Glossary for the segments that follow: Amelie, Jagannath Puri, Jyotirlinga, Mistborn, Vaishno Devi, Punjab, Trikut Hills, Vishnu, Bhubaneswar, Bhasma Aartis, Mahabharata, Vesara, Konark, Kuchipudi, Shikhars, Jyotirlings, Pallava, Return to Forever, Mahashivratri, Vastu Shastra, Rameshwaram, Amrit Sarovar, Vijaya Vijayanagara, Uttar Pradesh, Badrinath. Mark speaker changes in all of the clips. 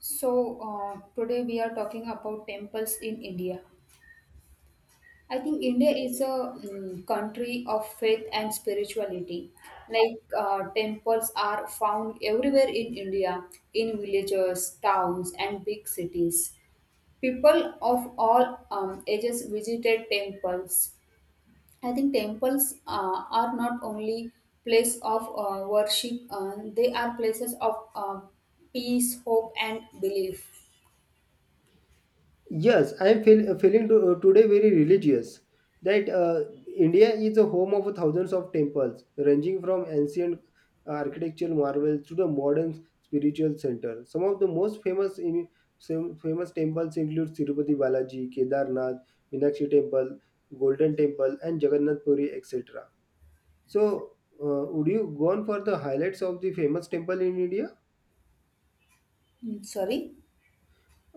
Speaker 1: Today we are talking about temples in India. I think India is a country of faith and spirituality. Like, temples are found everywhere in India, in villages, towns, and big cities. People of all ages visited temples. I think temples are not only place of worship, they are places of peace, hope, and belief.
Speaker 2: Yes, I am feeling to, today very religious. That India is a home of thousands of temples, ranging from ancient architectural marvels to the modern spiritual center. Some of the most famous in, some famous temples include Tirupati Balaji, Kedarnath, Meenakshi Temple, Golden Temple, and Jagannath Puri, etc. So, would you go on for the highlights of the famous temple in India?
Speaker 1: Mm, sorry.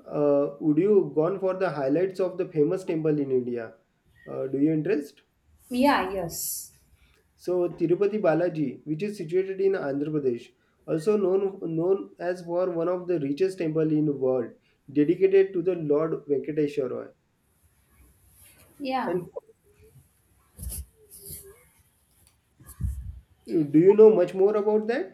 Speaker 2: Would you gone for the highlights of the famous temple in India? Do you interest?
Speaker 1: Yeah, yes.
Speaker 2: So Tirupati Balaji, which is situated in Andhra Pradesh, also known as for one of the richest temple in the world, dedicated to the Lord Venkateshwara.
Speaker 1: Yeah.
Speaker 2: And do you know much more about that?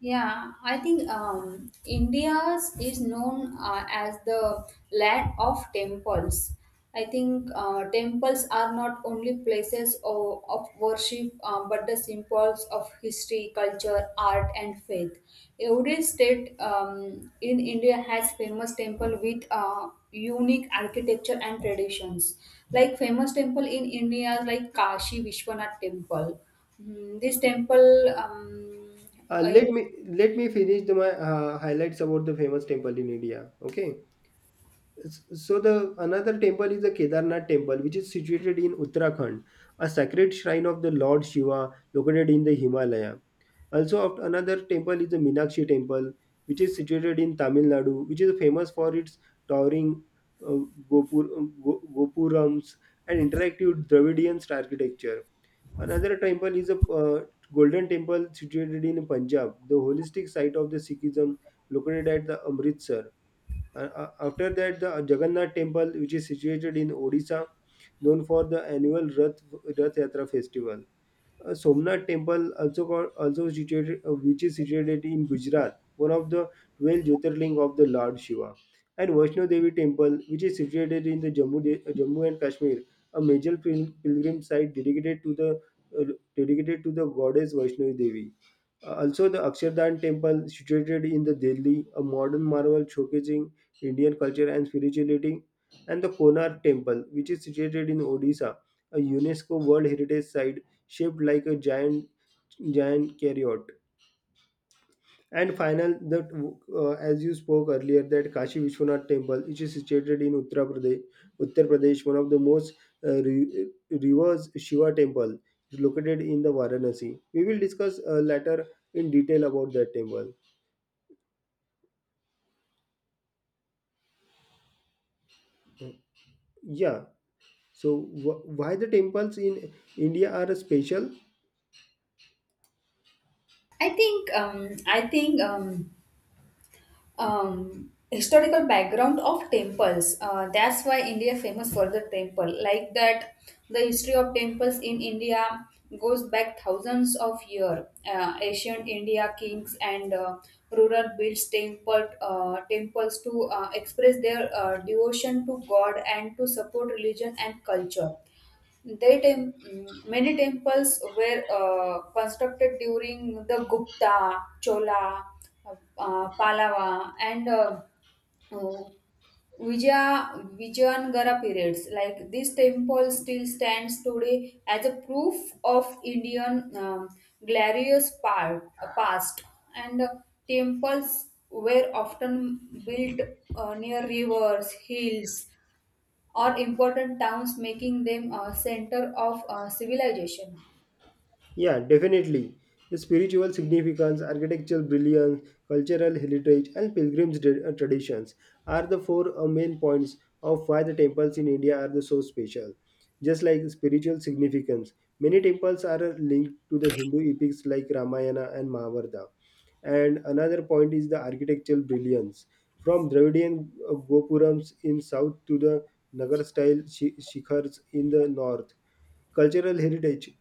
Speaker 1: Yeah, I think India's is known as the land of temples. I think temples are not only places of worship, but the symbols of history, culture, art, and faith. Every state in India has famous temple with unique architecture and traditions. Like famous temple in India, like Kashi Vishwanath Temple. This temple
Speaker 2: Uh, let me let me finish my highlights about the famous temple in India. Okay. So the another temple is the Kedarnath temple, which is situated in Uttarakhand, a sacred shrine of the Lord Shiva located in the Himalaya. Also, another temple is the Minakshi temple, which is situated in Tamil Nadu, which is famous for its towering uh, gopurams and interactive Dravidian architecture. Another temple is a golden temple situated in Punjab, the holistic site of the Sikhism located at the Amritsar. After that, the Jagannath Temple, which is situated in Odisha, known for the annual Rath Yatra festival. Somnath Temple, also called, also situated, which is situated in Gujarat, one of the 12 Jyotirling of the Lord Shiva. And Vaishno Devi Temple, which is situated in the Jammu and Kashmir, a major pilgrim site uh, dedicated to the goddess Vaishno Devi. Also, the Akshardham temple, situated in the Delhi, a modern marvel showcasing Indian culture and spirituality, and the Konar temple, which is situated in Odisha, a UNESCO World Heritage Site shaped like a giant carrot. And final, that as you spoke earlier, that Kashi Vishwanath temple, which is situated in Uttar Pradesh, one of the most reverse Shiva temple is located in the Varanasi. We will discuss later in detail about that temple. Yeah. So why the temples in India are special?
Speaker 1: I think historical background of temples. That's why India famous for the temple. Like that, the history of temples in India goes back thousands of year. Ancient India kings and ruler builds temples to express their devotion to God and to support religion and culture. Many temples were constructed during the Gupta, Chola, Pallava, and uh, Vijayanagara periods. Like this temple still stands today as a proof of Indian glorious past. And temples were often built near rivers, hills, or important towns, making them a center of civilization.
Speaker 2: Yeah, definitely. The spiritual significance, architectural brilliance, cultural heritage, and traditions are the four main points of why the temples in India are the so special. Just like spiritual significance, many temples are linked to the Hindu epics like Ramayana and Mahabharata. And another point is the architectural brilliance. From Dravidian Gopurams in south to the Nagar style shikhars in the north. Cultural heritage.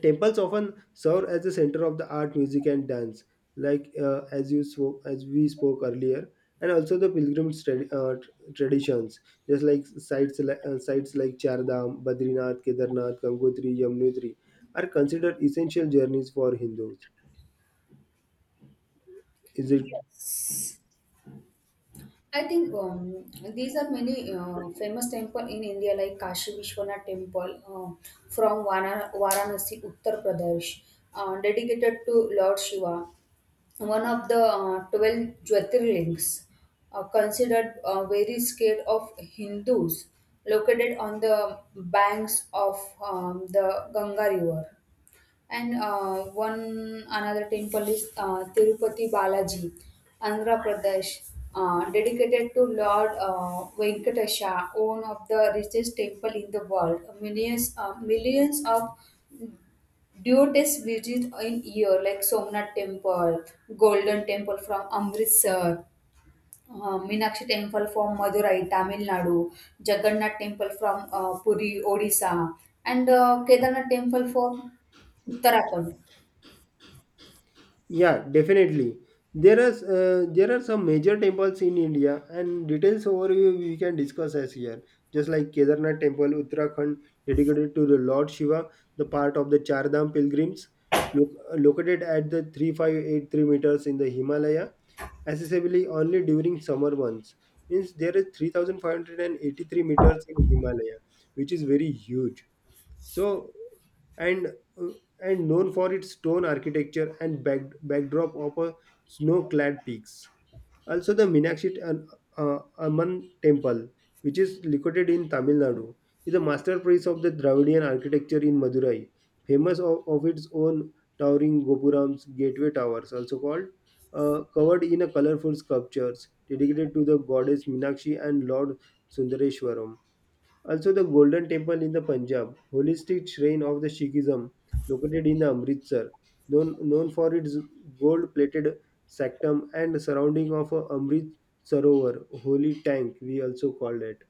Speaker 2: Temples often serve as the center of the art, music, and dance, like as we spoke earlier, and also the traditions, just like sites like Chardham, Badrinath, Kedarnath, Gangotri, Yamunotri, are considered essential journeys for Hindus. Is it.
Speaker 1: I think these are many famous temple in India like Kashi Vishwanath Temple from Varanasi, Uttar Pradesh, dedicated to Lord Shiva, one of the 12 Jyotirlings, considered very scared of Hindus, located on the banks of the Ganga River. And one another temple is Tirupati Balaji, Andhra Pradesh, dedicated to Lord Venkatesha, one of the richest temple in the world. Millions of devotees visit in year, like Somnath Temple, Golden Temple from Amritsar. Meenakshi temple from Madurai, Tamil Nadu, Jagannath temple from Puri, Odisha, and Kedarnath temple from Uttarakhand.
Speaker 2: Yeah, definitely. There are there are some major temples in India, and details overview we can discuss as here. Just like Kedarnath Temple, Uttarakhand, dedicated to the Lord Shiva, the part of the Char Dham pilgrims, lo- located at the 3583 meters in the Himalaya, accessible only during summer months. Means there is 3583 meters in Himalaya, which is very huge. So and uh, and known for its stone architecture and backdrop of a snow-clad peaks. Also, the Meenakshi Amman Temple, which is located in Tamil Nadu, is a masterpiece of the Dravidian architecture in Madurai, famous of its own towering gopurams, gateway towers, also called, covered in a colorful sculptures dedicated to the goddess Meenakshi and Lord Sundareshwaram. Also, the Golden Temple in the Punjab, holistic shrine of the Sikhism, located in the Amritsar, known for its gold-plated sanctum and surrounding of a Amrit Sarovar, holy tank, we also call it,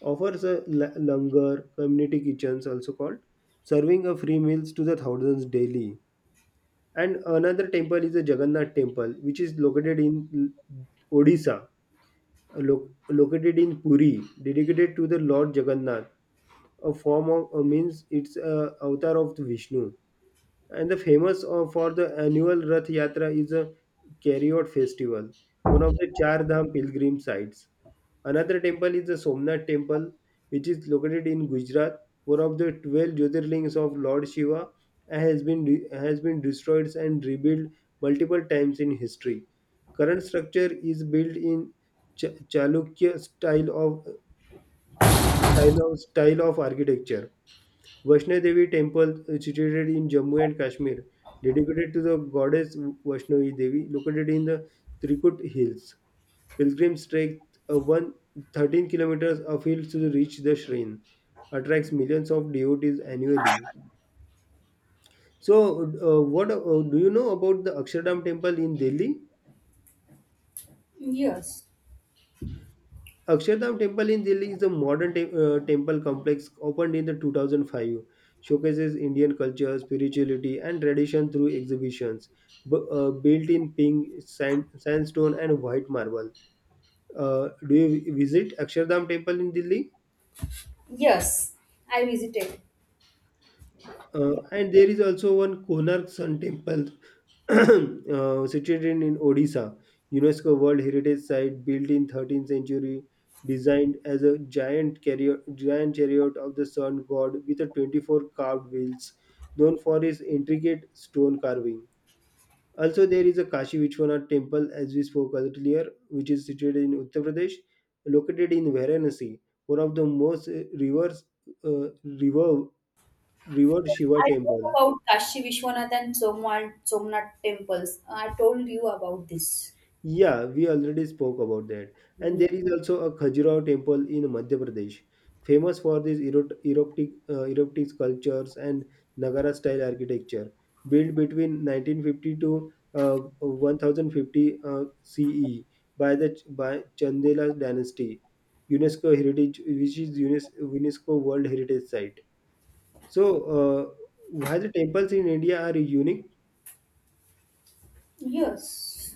Speaker 2: offers a langar, community kitchens also called, serving of free meals to the thousands daily. And another temple is the Jagannath Temple, which is located in Odisha, located in Puri, dedicated to the Lord Jagannath, a form of means it's a avatar of the Vishnu. And the famous for the annual Rath Yatra is a Kariot festival, one of the Char Dham pilgrim sites. Another temple is the Somnath temple, which is located in Gujarat, one of the 12 Jyotirlings of Lord Shiva, and has been destroyed and rebuilt multiple times in history. Current structure is built in Chalukya style of architecture. Vaishno Devi temple is situated in Jammu and Kashmir, dedicated to the goddess Vaishnavi Devi, located in the Trikut Hills. Pilgrims trek a 1 13 kilometers of hills to reach the shrine. Attracts millions of devotees annually. So, what do you know about the Akshardham temple in Delhi?
Speaker 1: Yes,
Speaker 2: Akshardham Temple in Delhi is a modern temple complex opened in the 2005. Showcases Indian culture, spirituality, and tradition through exhibitions built in pink sandstone and white marble. Do you visit Akshardham Temple in Delhi?
Speaker 1: yes, I visited.
Speaker 2: And there is also one Konark Sun Temple situated in Odisha, UNESCO World Heritage Site built in 13th century, designed as a giant chariot of the sun god with a 24 carved wheels, known for its intricate stone carving. Also, there is a Kashi Vishwanath temple, as we spoke earlier, which is situated in Uttar Pradesh, located in Varanasi, one of the most uh, river, river Shiva
Speaker 1: I talked
Speaker 2: temple.
Speaker 1: about Kashi Vishwanath and Somnath temples. I told you about this.
Speaker 2: Yeah, we already spoke about that. And there is also a Khajuraho temple in Madhya Pradesh, famous for these erotic sculptures and Nagara style architecture, built between 1950 to 1050 CE by Chandela dynasty, UNESCO heritage, which is UNESCO World Heritage Site. So, why the temples in India are unique?
Speaker 1: Yes.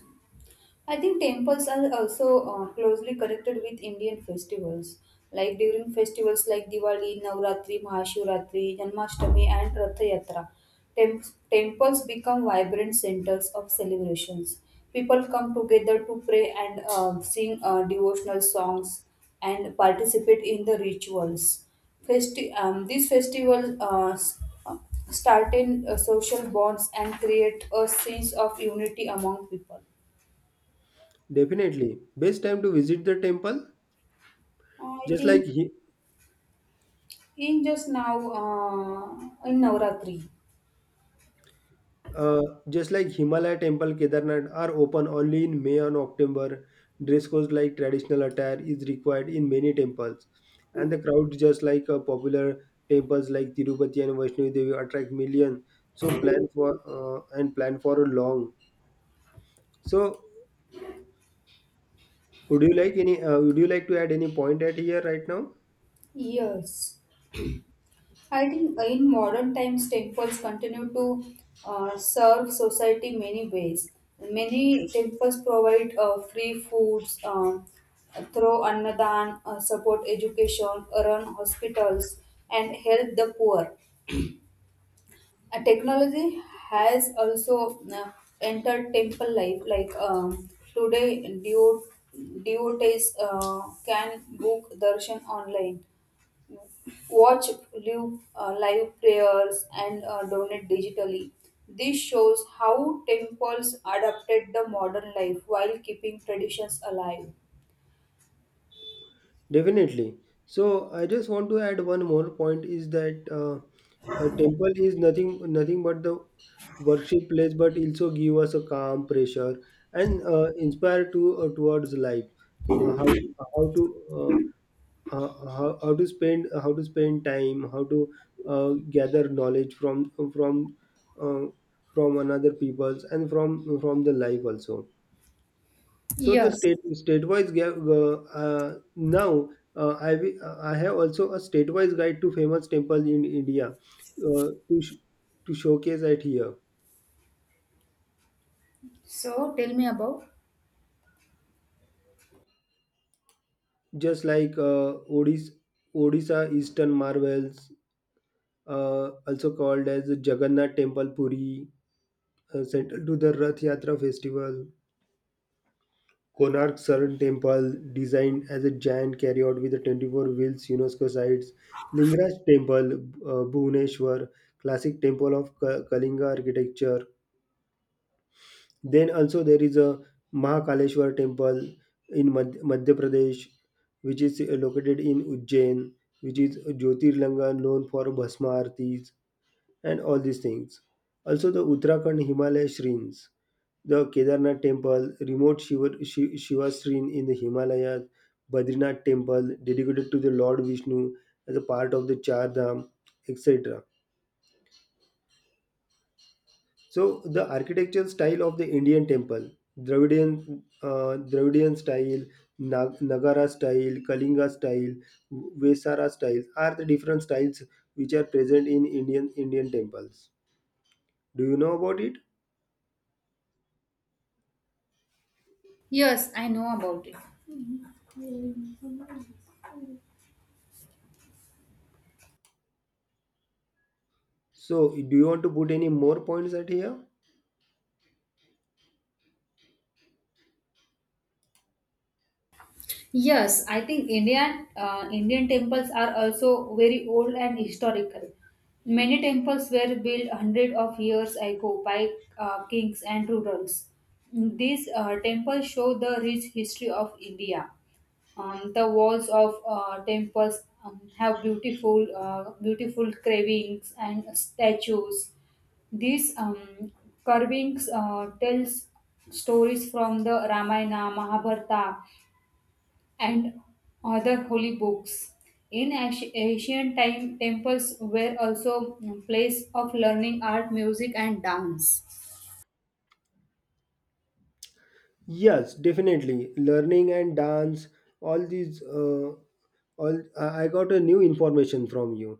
Speaker 1: I think temples are also closely connected with Indian festivals. Like during festivals like Diwali, Navratri, Mahashivratri, Janmashtami, and Rath Yatra, tem- temples become vibrant centers of celebrations. People come together to pray and sing devotional songs and participate in the rituals. These festivals strengthen social bonds and create a sense of unity among people.
Speaker 2: Definitely, best time to visit the temple
Speaker 1: I
Speaker 2: just
Speaker 1: think
Speaker 2: like he.
Speaker 1: in just now in Navratri.
Speaker 2: Uh, just like Himalaya Temple, Kedarnath are open only in May and October. Dress codes like traditional attire is required in many temples, and the crowd just like popular temples like Tirupati and Vaishno Devi attract millions. So plan for a long. So would you like any? Would you like to add any point at here right now?
Speaker 1: Yes, I think in modern times temples continue to serve society many ways. Many temples provide free foods, through annadan, support education, run hospitals, and help the poor. Technology has also entered temple life like today devotees can book darshan online, watch live prayers and donate digitally. This shows how temples adapted the modern life while keeping traditions alive.
Speaker 2: Definitely. So I just want to add one more point is that a temple is nothing but the worship place, but also give us a calm pressure and inspire to towards life. Uh, how how to how to spend How to spend time, how to gather knowledge uh, from another peoples and from the life also. So the
Speaker 1: Yes.
Speaker 2: now I have also a state-wise guide to famous temple in India to showcase it here.
Speaker 1: So tell me about.
Speaker 2: Just like Odisha Eastern Marvels, also called as Jagannath Temple Puri, central to the Rath Yatra festival. Konark Sun Temple, designed as a giant carryout with a 24 wheels UNESCO sites. Lingaraj Temple, Bhubaneswar, classic temple of Kalinga architecture. Then also there is a Mahakaleshwar temple in Madhya Pradesh, which is located in Ujjain, which is Jyotirlanga known for Bhasma Aartis and all these things. Also the Uttarakhand Himalaya Shrines. The Kedarnath temple, remote Shiva shrine in the Himalayas, Badrinath temple dedicated to the Lord Vishnu as a part of the Char Dham, etc. So the architectural style of the Indian temple, Dravidian style, Nagara style, Kalinga style, Vesara styles are the different styles which are present in Indian temples. Do you know about it?
Speaker 1: Yes, I know about it.
Speaker 2: So do you want to put any more points at here?
Speaker 1: Yes, I think Indian temples are also very old and historical. Many temples were built hundreds of years ago by kings and rulers. These temples show the rich history of India. The walls of temples have beautiful carvings and statues. These carvings tells stories from the Ramayana, Mahabharata, and other holy books. In ancient time, temples were also a place of learning art, music, and dance.
Speaker 2: Yes, definitely. Learning and dance, all all I got a new information from you.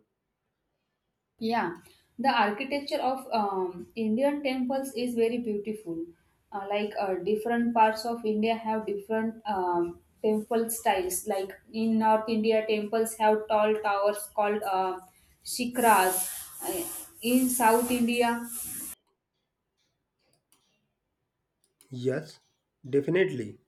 Speaker 1: Yeah, the architecture of Indian temples is very beautiful. Like different parts of India have different temple styles. Like in North India, temples have tall towers called shikras. Uh, in South India,
Speaker 2: Yes, definitely.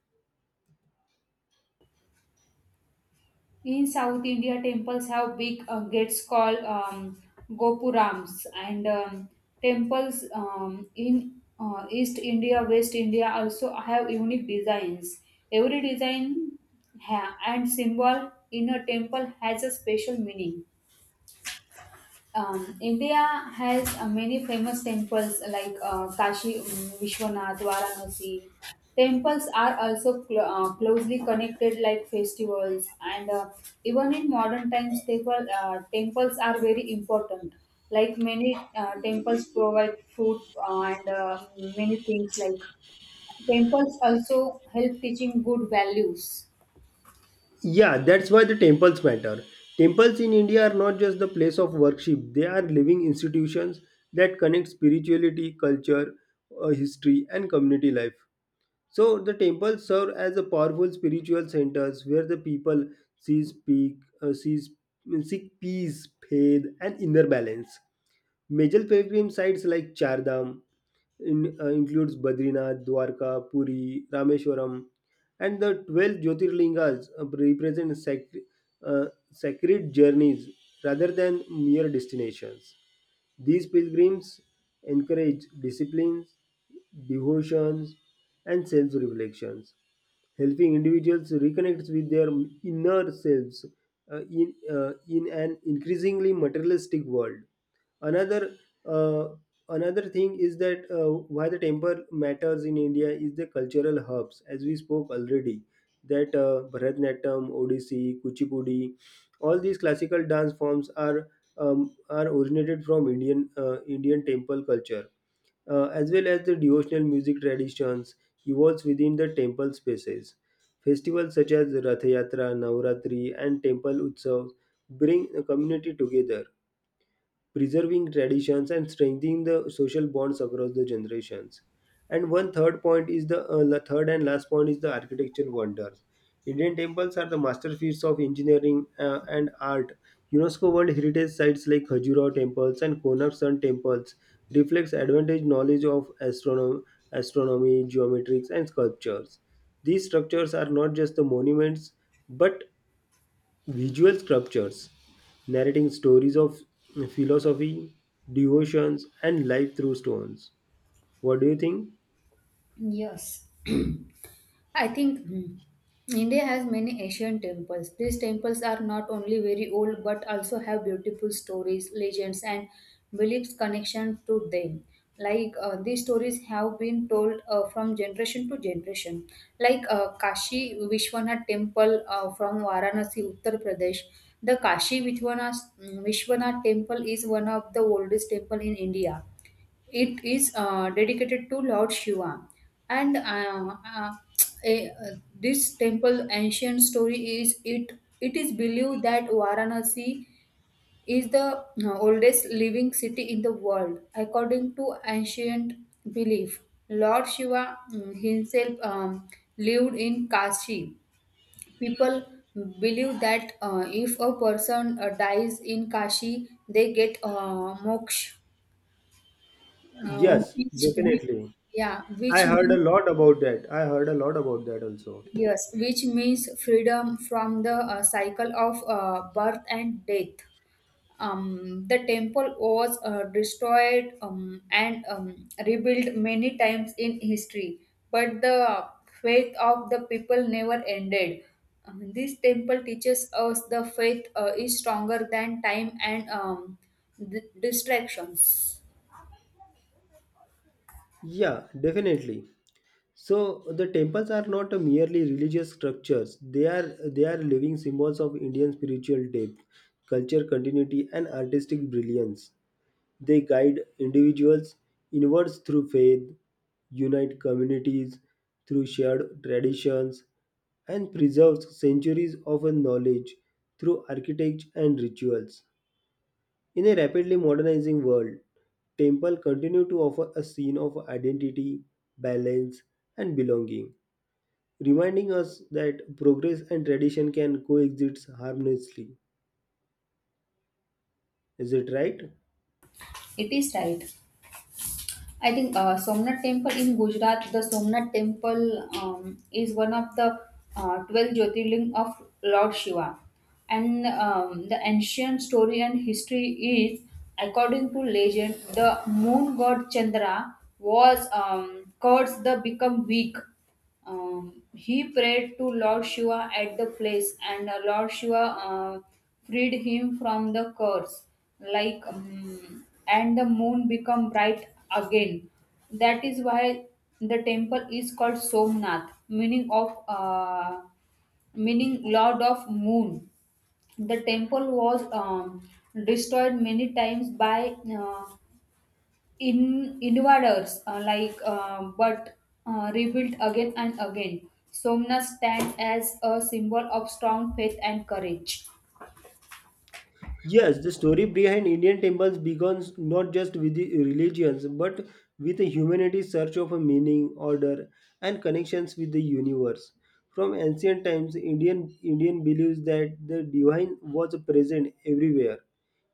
Speaker 1: In South India, temples have big gates called gopurams, and temples in East India, West India also have unique designs. Every design and symbol in a temple has a special meaning. India has many famous temples like Kashi Vishwanath, Varanasi. Temples are also closely connected like festivals, and even in modern times, temples are very important. Like many temples provide food and many things like temples also help teaching good values.
Speaker 2: Yeah, that's why the temples matter. Temples in India are not just the place of worship, they are living institutions that connect spirituality, culture, history, and community life. So the temples serve as a powerful spiritual centers where the people sees peak, uh, sees, seek peace, faith, and inner balance. Major pilgrim sites like Chardham includes Badrinath, Dwarka, Puri, Rameshwaram, and the 12 Jyotirlingas represent uh, sacred journeys rather than mere destinations. These pilgrims encourage disciplines, devotions, and self reflections, helping individuals reconnect with their inner selves in an increasingly materialistic world. Another uh, Another thing is that why the temple matters in India is the cultural hubs, as we spoke already. That Bharatanatyam, Odissi, Kuchipudi, all these classical dance forms are originated from Indian temple culture, as well as the devotional music traditions evolves within the temple spaces. Festivals such as Rath Yatra, Navratri, and temple Utsav bring the community together, preserving traditions and strengthening the social bonds across the generations. And one third point is the third and last point is the architectural wonders. Indian temples are the masterpieces of engineering and art. UNESCO World Heritage sites like Khajuraho temples and Konark Sun temples reflects advantage knowledge of astronomy, geometrics, and sculptures. These structures are not just the monuments, but visual sculptures narrating stories of philosophy, devotions, and life through stones. What do you think?
Speaker 1: Yes. I think India has many Asian temples. These temples are not only very old but also have beautiful stories, legends, and beliefs connection to them. Like these stories have been told from generation to generation. Like Kashi Vishwanath Temple from Varanasi, Uttar Pradesh. The Kashi Vishwanath Temple is one of the oldest temple in India. It is dedicated to Lord Shiva, and this temple ancient story is it. It is believed that Varanasi is the oldest living city in the world, according to ancient belief. Lord Shiva himself lived in Kashi. People believe that if a person dies in Kashi, they get moksha,
Speaker 2: Yes,
Speaker 1: which,
Speaker 2: definitely.
Speaker 1: yeah,
Speaker 2: I
Speaker 1: which
Speaker 2: heard a
Speaker 1: means,
Speaker 2: lot about that. I heard a lot about that also.
Speaker 1: yes, which means freedom from the cycle of birth and death. The temple was destroyed and rebuilt many times in history, but the faith of the people never ended. This temple teaches us the faith is stronger than time and distractions.
Speaker 2: Yeah, definitely. So the temples are not a merely religious structures. They are living symbols of Indian spiritual depth, culture continuity, and artistic brilliance. They guide individuals inwards through faith, unite communities through shared traditions, and preserve centuries of knowledge through architecture and rituals. In a rapidly modernizing world, temple continue to offer a scene of identity, balance, and belonging, reminding us that progress and tradition can coexist harmoniously. Is it right?
Speaker 1: It is right. I think Somnath Temple in Gujarat, the Somnath Temple is one of the 12 Jyotirling of Lord Shiva. And the ancient story and history is, according to legend, the moon god Chandra was cursed to become weak. He prayed to Lord Shiva at the place, and Lord Shiva freed him from the curse. Like, and the moon become bright again. That is why the temple is called Somnath, meaning Lord of Moon. The temple was destroyed many times by in invaders, like, but rebuilt again and again. Somna stands as a symbol of strong faith and courage.
Speaker 2: Yes, the story behind Indian temples begins not just with the religions but with humanity's search of a meaning, order, and connections with the universe. From ancient times, Indian believes that the divine was present everywhere,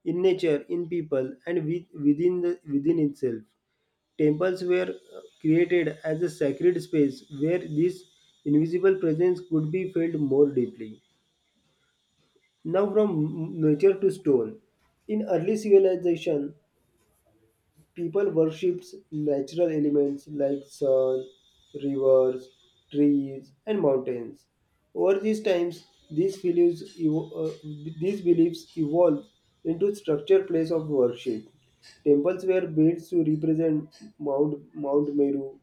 Speaker 2: in nature, in people, and within within itself. Temples were created as a sacred space where this invisible presence could be felt more deeply. Now from nature to stone. In early civilization, people worshipped natural elements like sun, rivers, trees, and mountains. Over these times, these beliefs evolved into structured place of worship. Temples were built to represent Mount Meru,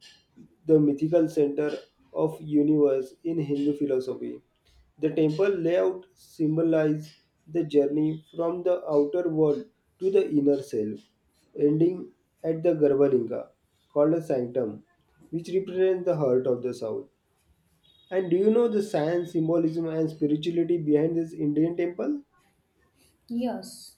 Speaker 2: the mythical center of universe in Hindu philosophy. The temple layout symbolizes the journey from the outer world to the inner self, ending at the Garbhalinga, called a sanctum, which represents the heart of the South. And do you know the science, symbolism, and spirituality behind this Indian temple?
Speaker 1: Yes.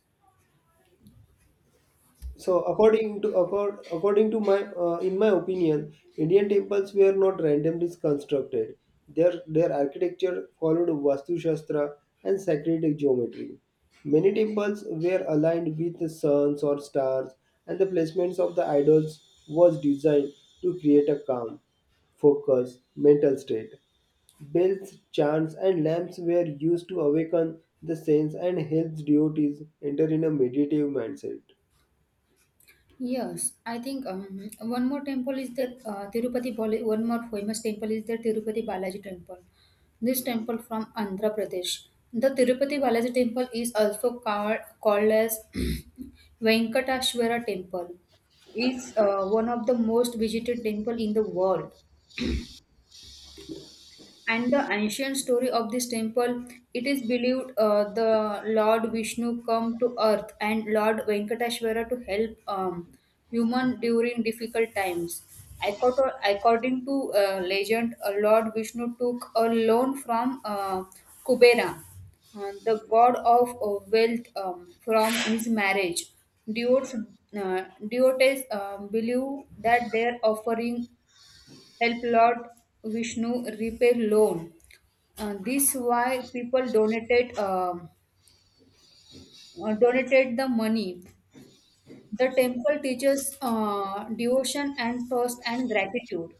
Speaker 2: So according to my in my opinion, Indian temples were not randomly constructed. Their architecture followed vastu shastra and sacred geometry. Many temples were aligned with the suns or stars, and the placements of the idols was designed to create a calm, focused mental state. Bells, chants, and lamps were used to awaken the saints and help deities enter in a meditative mindset.
Speaker 1: Yes, I think one more temple is the Tirupati. One more famous temple is the Tirupati Balaji temple. This temple from Andhra Pradesh. The Tirupati Balaji temple is also called as Venkateshwara temple. It's one of the most visited temple in the world. And the ancient story of this temple, it is believed the Lord Vishnu come to earth and Lord Venkateshwara to help human during difficult times. According to legend, Lord Vishnu took a loan from Kubera, the god of wealth, from his marriage. Devotes, uh, devotees believe that their offering help Lord Vishnu repay loan. This why people donated the money. The temple teaches devotion and trust and gratitude.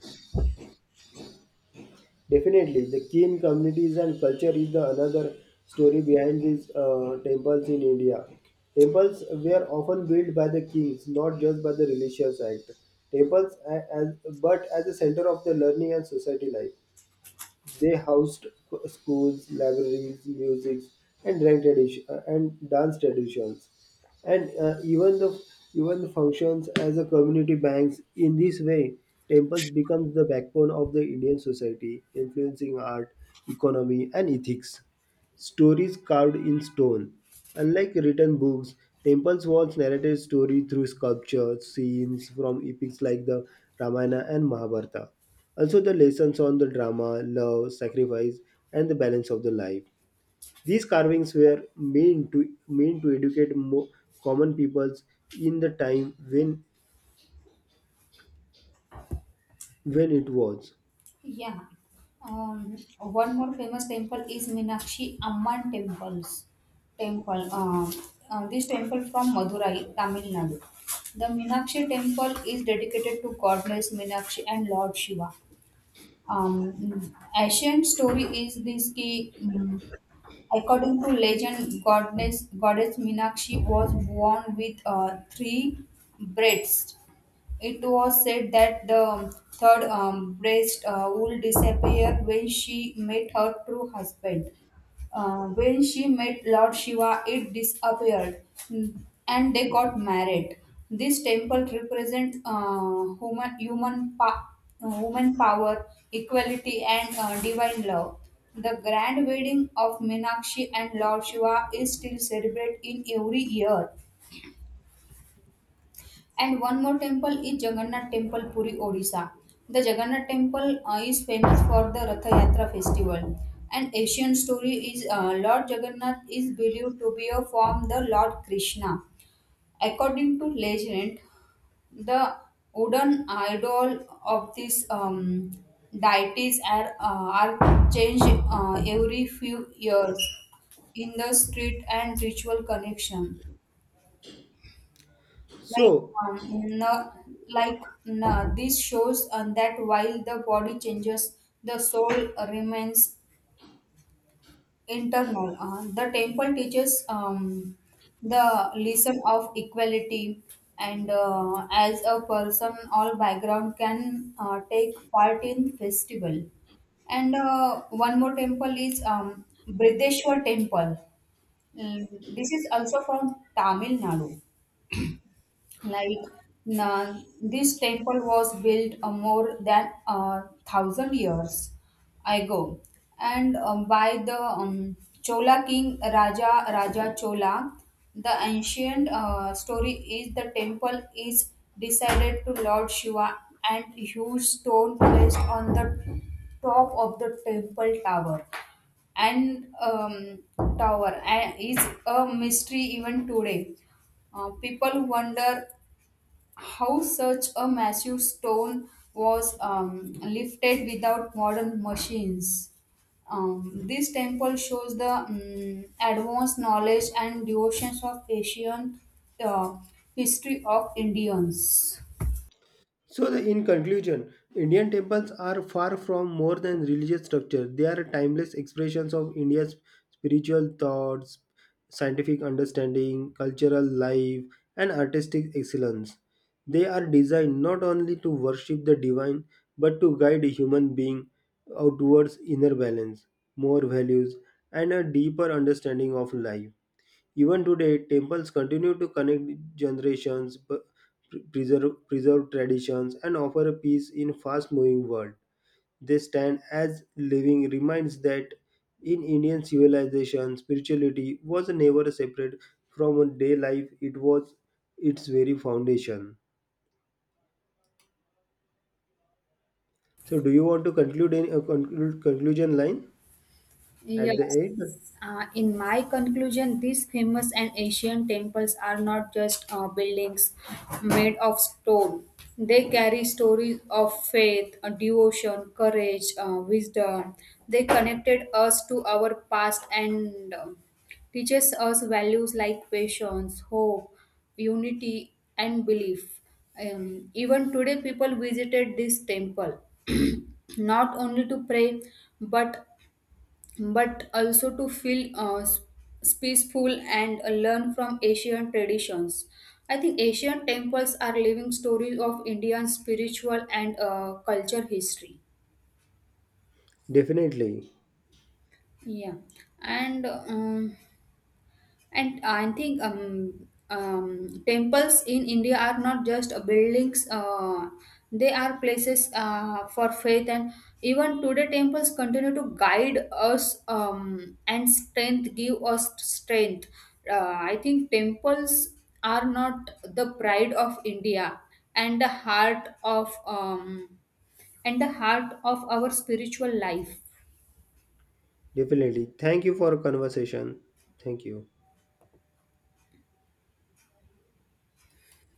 Speaker 2: Definitely, the Kin communities and culture is the another story behind these temples in India. Temples were often built by the kings, not just by the religious act. Temples, a- as, but as a center of the learning and society life. They housed schools, libraries, music, and dance traditions, and even the functions as a community banks. In this way, temples become the backbone of the Indian society, influencing art, economy, and ethics stories carved in stone. Unlike written books, temples once narrated story through sculptures, scenes from epics like the Ramayana and Mahabharata. Also, the lessons on the drama, love, sacrifice, and the balance of the life. These carvings were meant to educate common peoples in the time when it was.
Speaker 1: Yeah. One more famous temple is Meenakshi Amman Temple. This temple from Madurai, Tamil Nadu. The Meenakshi temple is dedicated to goddess Meenakshi and Lord Shiva. um, Ancient story is this key. According to legend, goddess Minakshi was born with three breasts. It was said that the third breast would disappear when she met her true husband. When she met Lord Shiva, it disappeared, mm, and they got married. This temple represents human power, equality, and divine love. The grand wedding of Meenakshi and Lord Shiva is still celebrated in every year. And one more temple is Jagannath Temple, Puri, Odisha. The Jagannath Temple is famous for the Ratha Yatra festival. An Asian story is Lord Jagannath is believed to be a form the Lord Krishna. According to legend, the wooden idol of this deities are changed every few years in the street and ritual connection. Like,
Speaker 2: So,
Speaker 1: um, no, like no, this shows that while the body changes, the soul remains internal. The temple teaches the lesson of equality, and as a person, all background can take part in festival. And one more temple is Brideshwar Temple. This is also from Tamil Nadu. Like na This temple was built more than a thousand years ago, and by the Chola king Raja Raja Chola. The ancient story is the temple is decided to Lord Shiva and huge stone placed on the top of the temple and um, tower and is a mystery even today. People wonder how such a massive stone was lifted without modern machines. This temple shows the advanced knowledge and devotions of ancient uh, history of Indians.
Speaker 2: So, the, in conclusion, Indian temples are far from more than religious structure. They are timeless expressions of India's spiritual thoughts, scientific understanding, cultural life, and artistic excellence. They are designed not only to worship the divine but to guide a human being outwards inner balance, more values, and a deeper understanding of life. Even today, temples continue to connect generations, preserve traditions, and offer a peace in fast-moving world. They stand as living reminds that in Indian civilization, spirituality was never separate from day life. It was its very foundation. So, do you want to conclude any a conclude conclusion line at
Speaker 1: Yes.
Speaker 2: the end?
Speaker 1: In my conclusion, these famous and ancient temples are not just buildings made of stone. They carry stories of faith, devotion, courage, wisdom. They connected us to our past and teaches us values like patience, hope, unity, and belief. Even today, people visited this temple not only to pray but but also to feel peaceful and learn from Asian traditions. I think Asian temples are living stories of Indian spiritual and culture history.
Speaker 2: Definitely,
Speaker 1: Yeah, and um, And I think temples in India are not just buildings, they are places for faith. And even today, temples continue to guide us and strength, give us strength. Uh, I think temples are not the pride of India and the heart of and the heart of our spiritual life.
Speaker 2: definitely. Thank you for conversation. Thank you.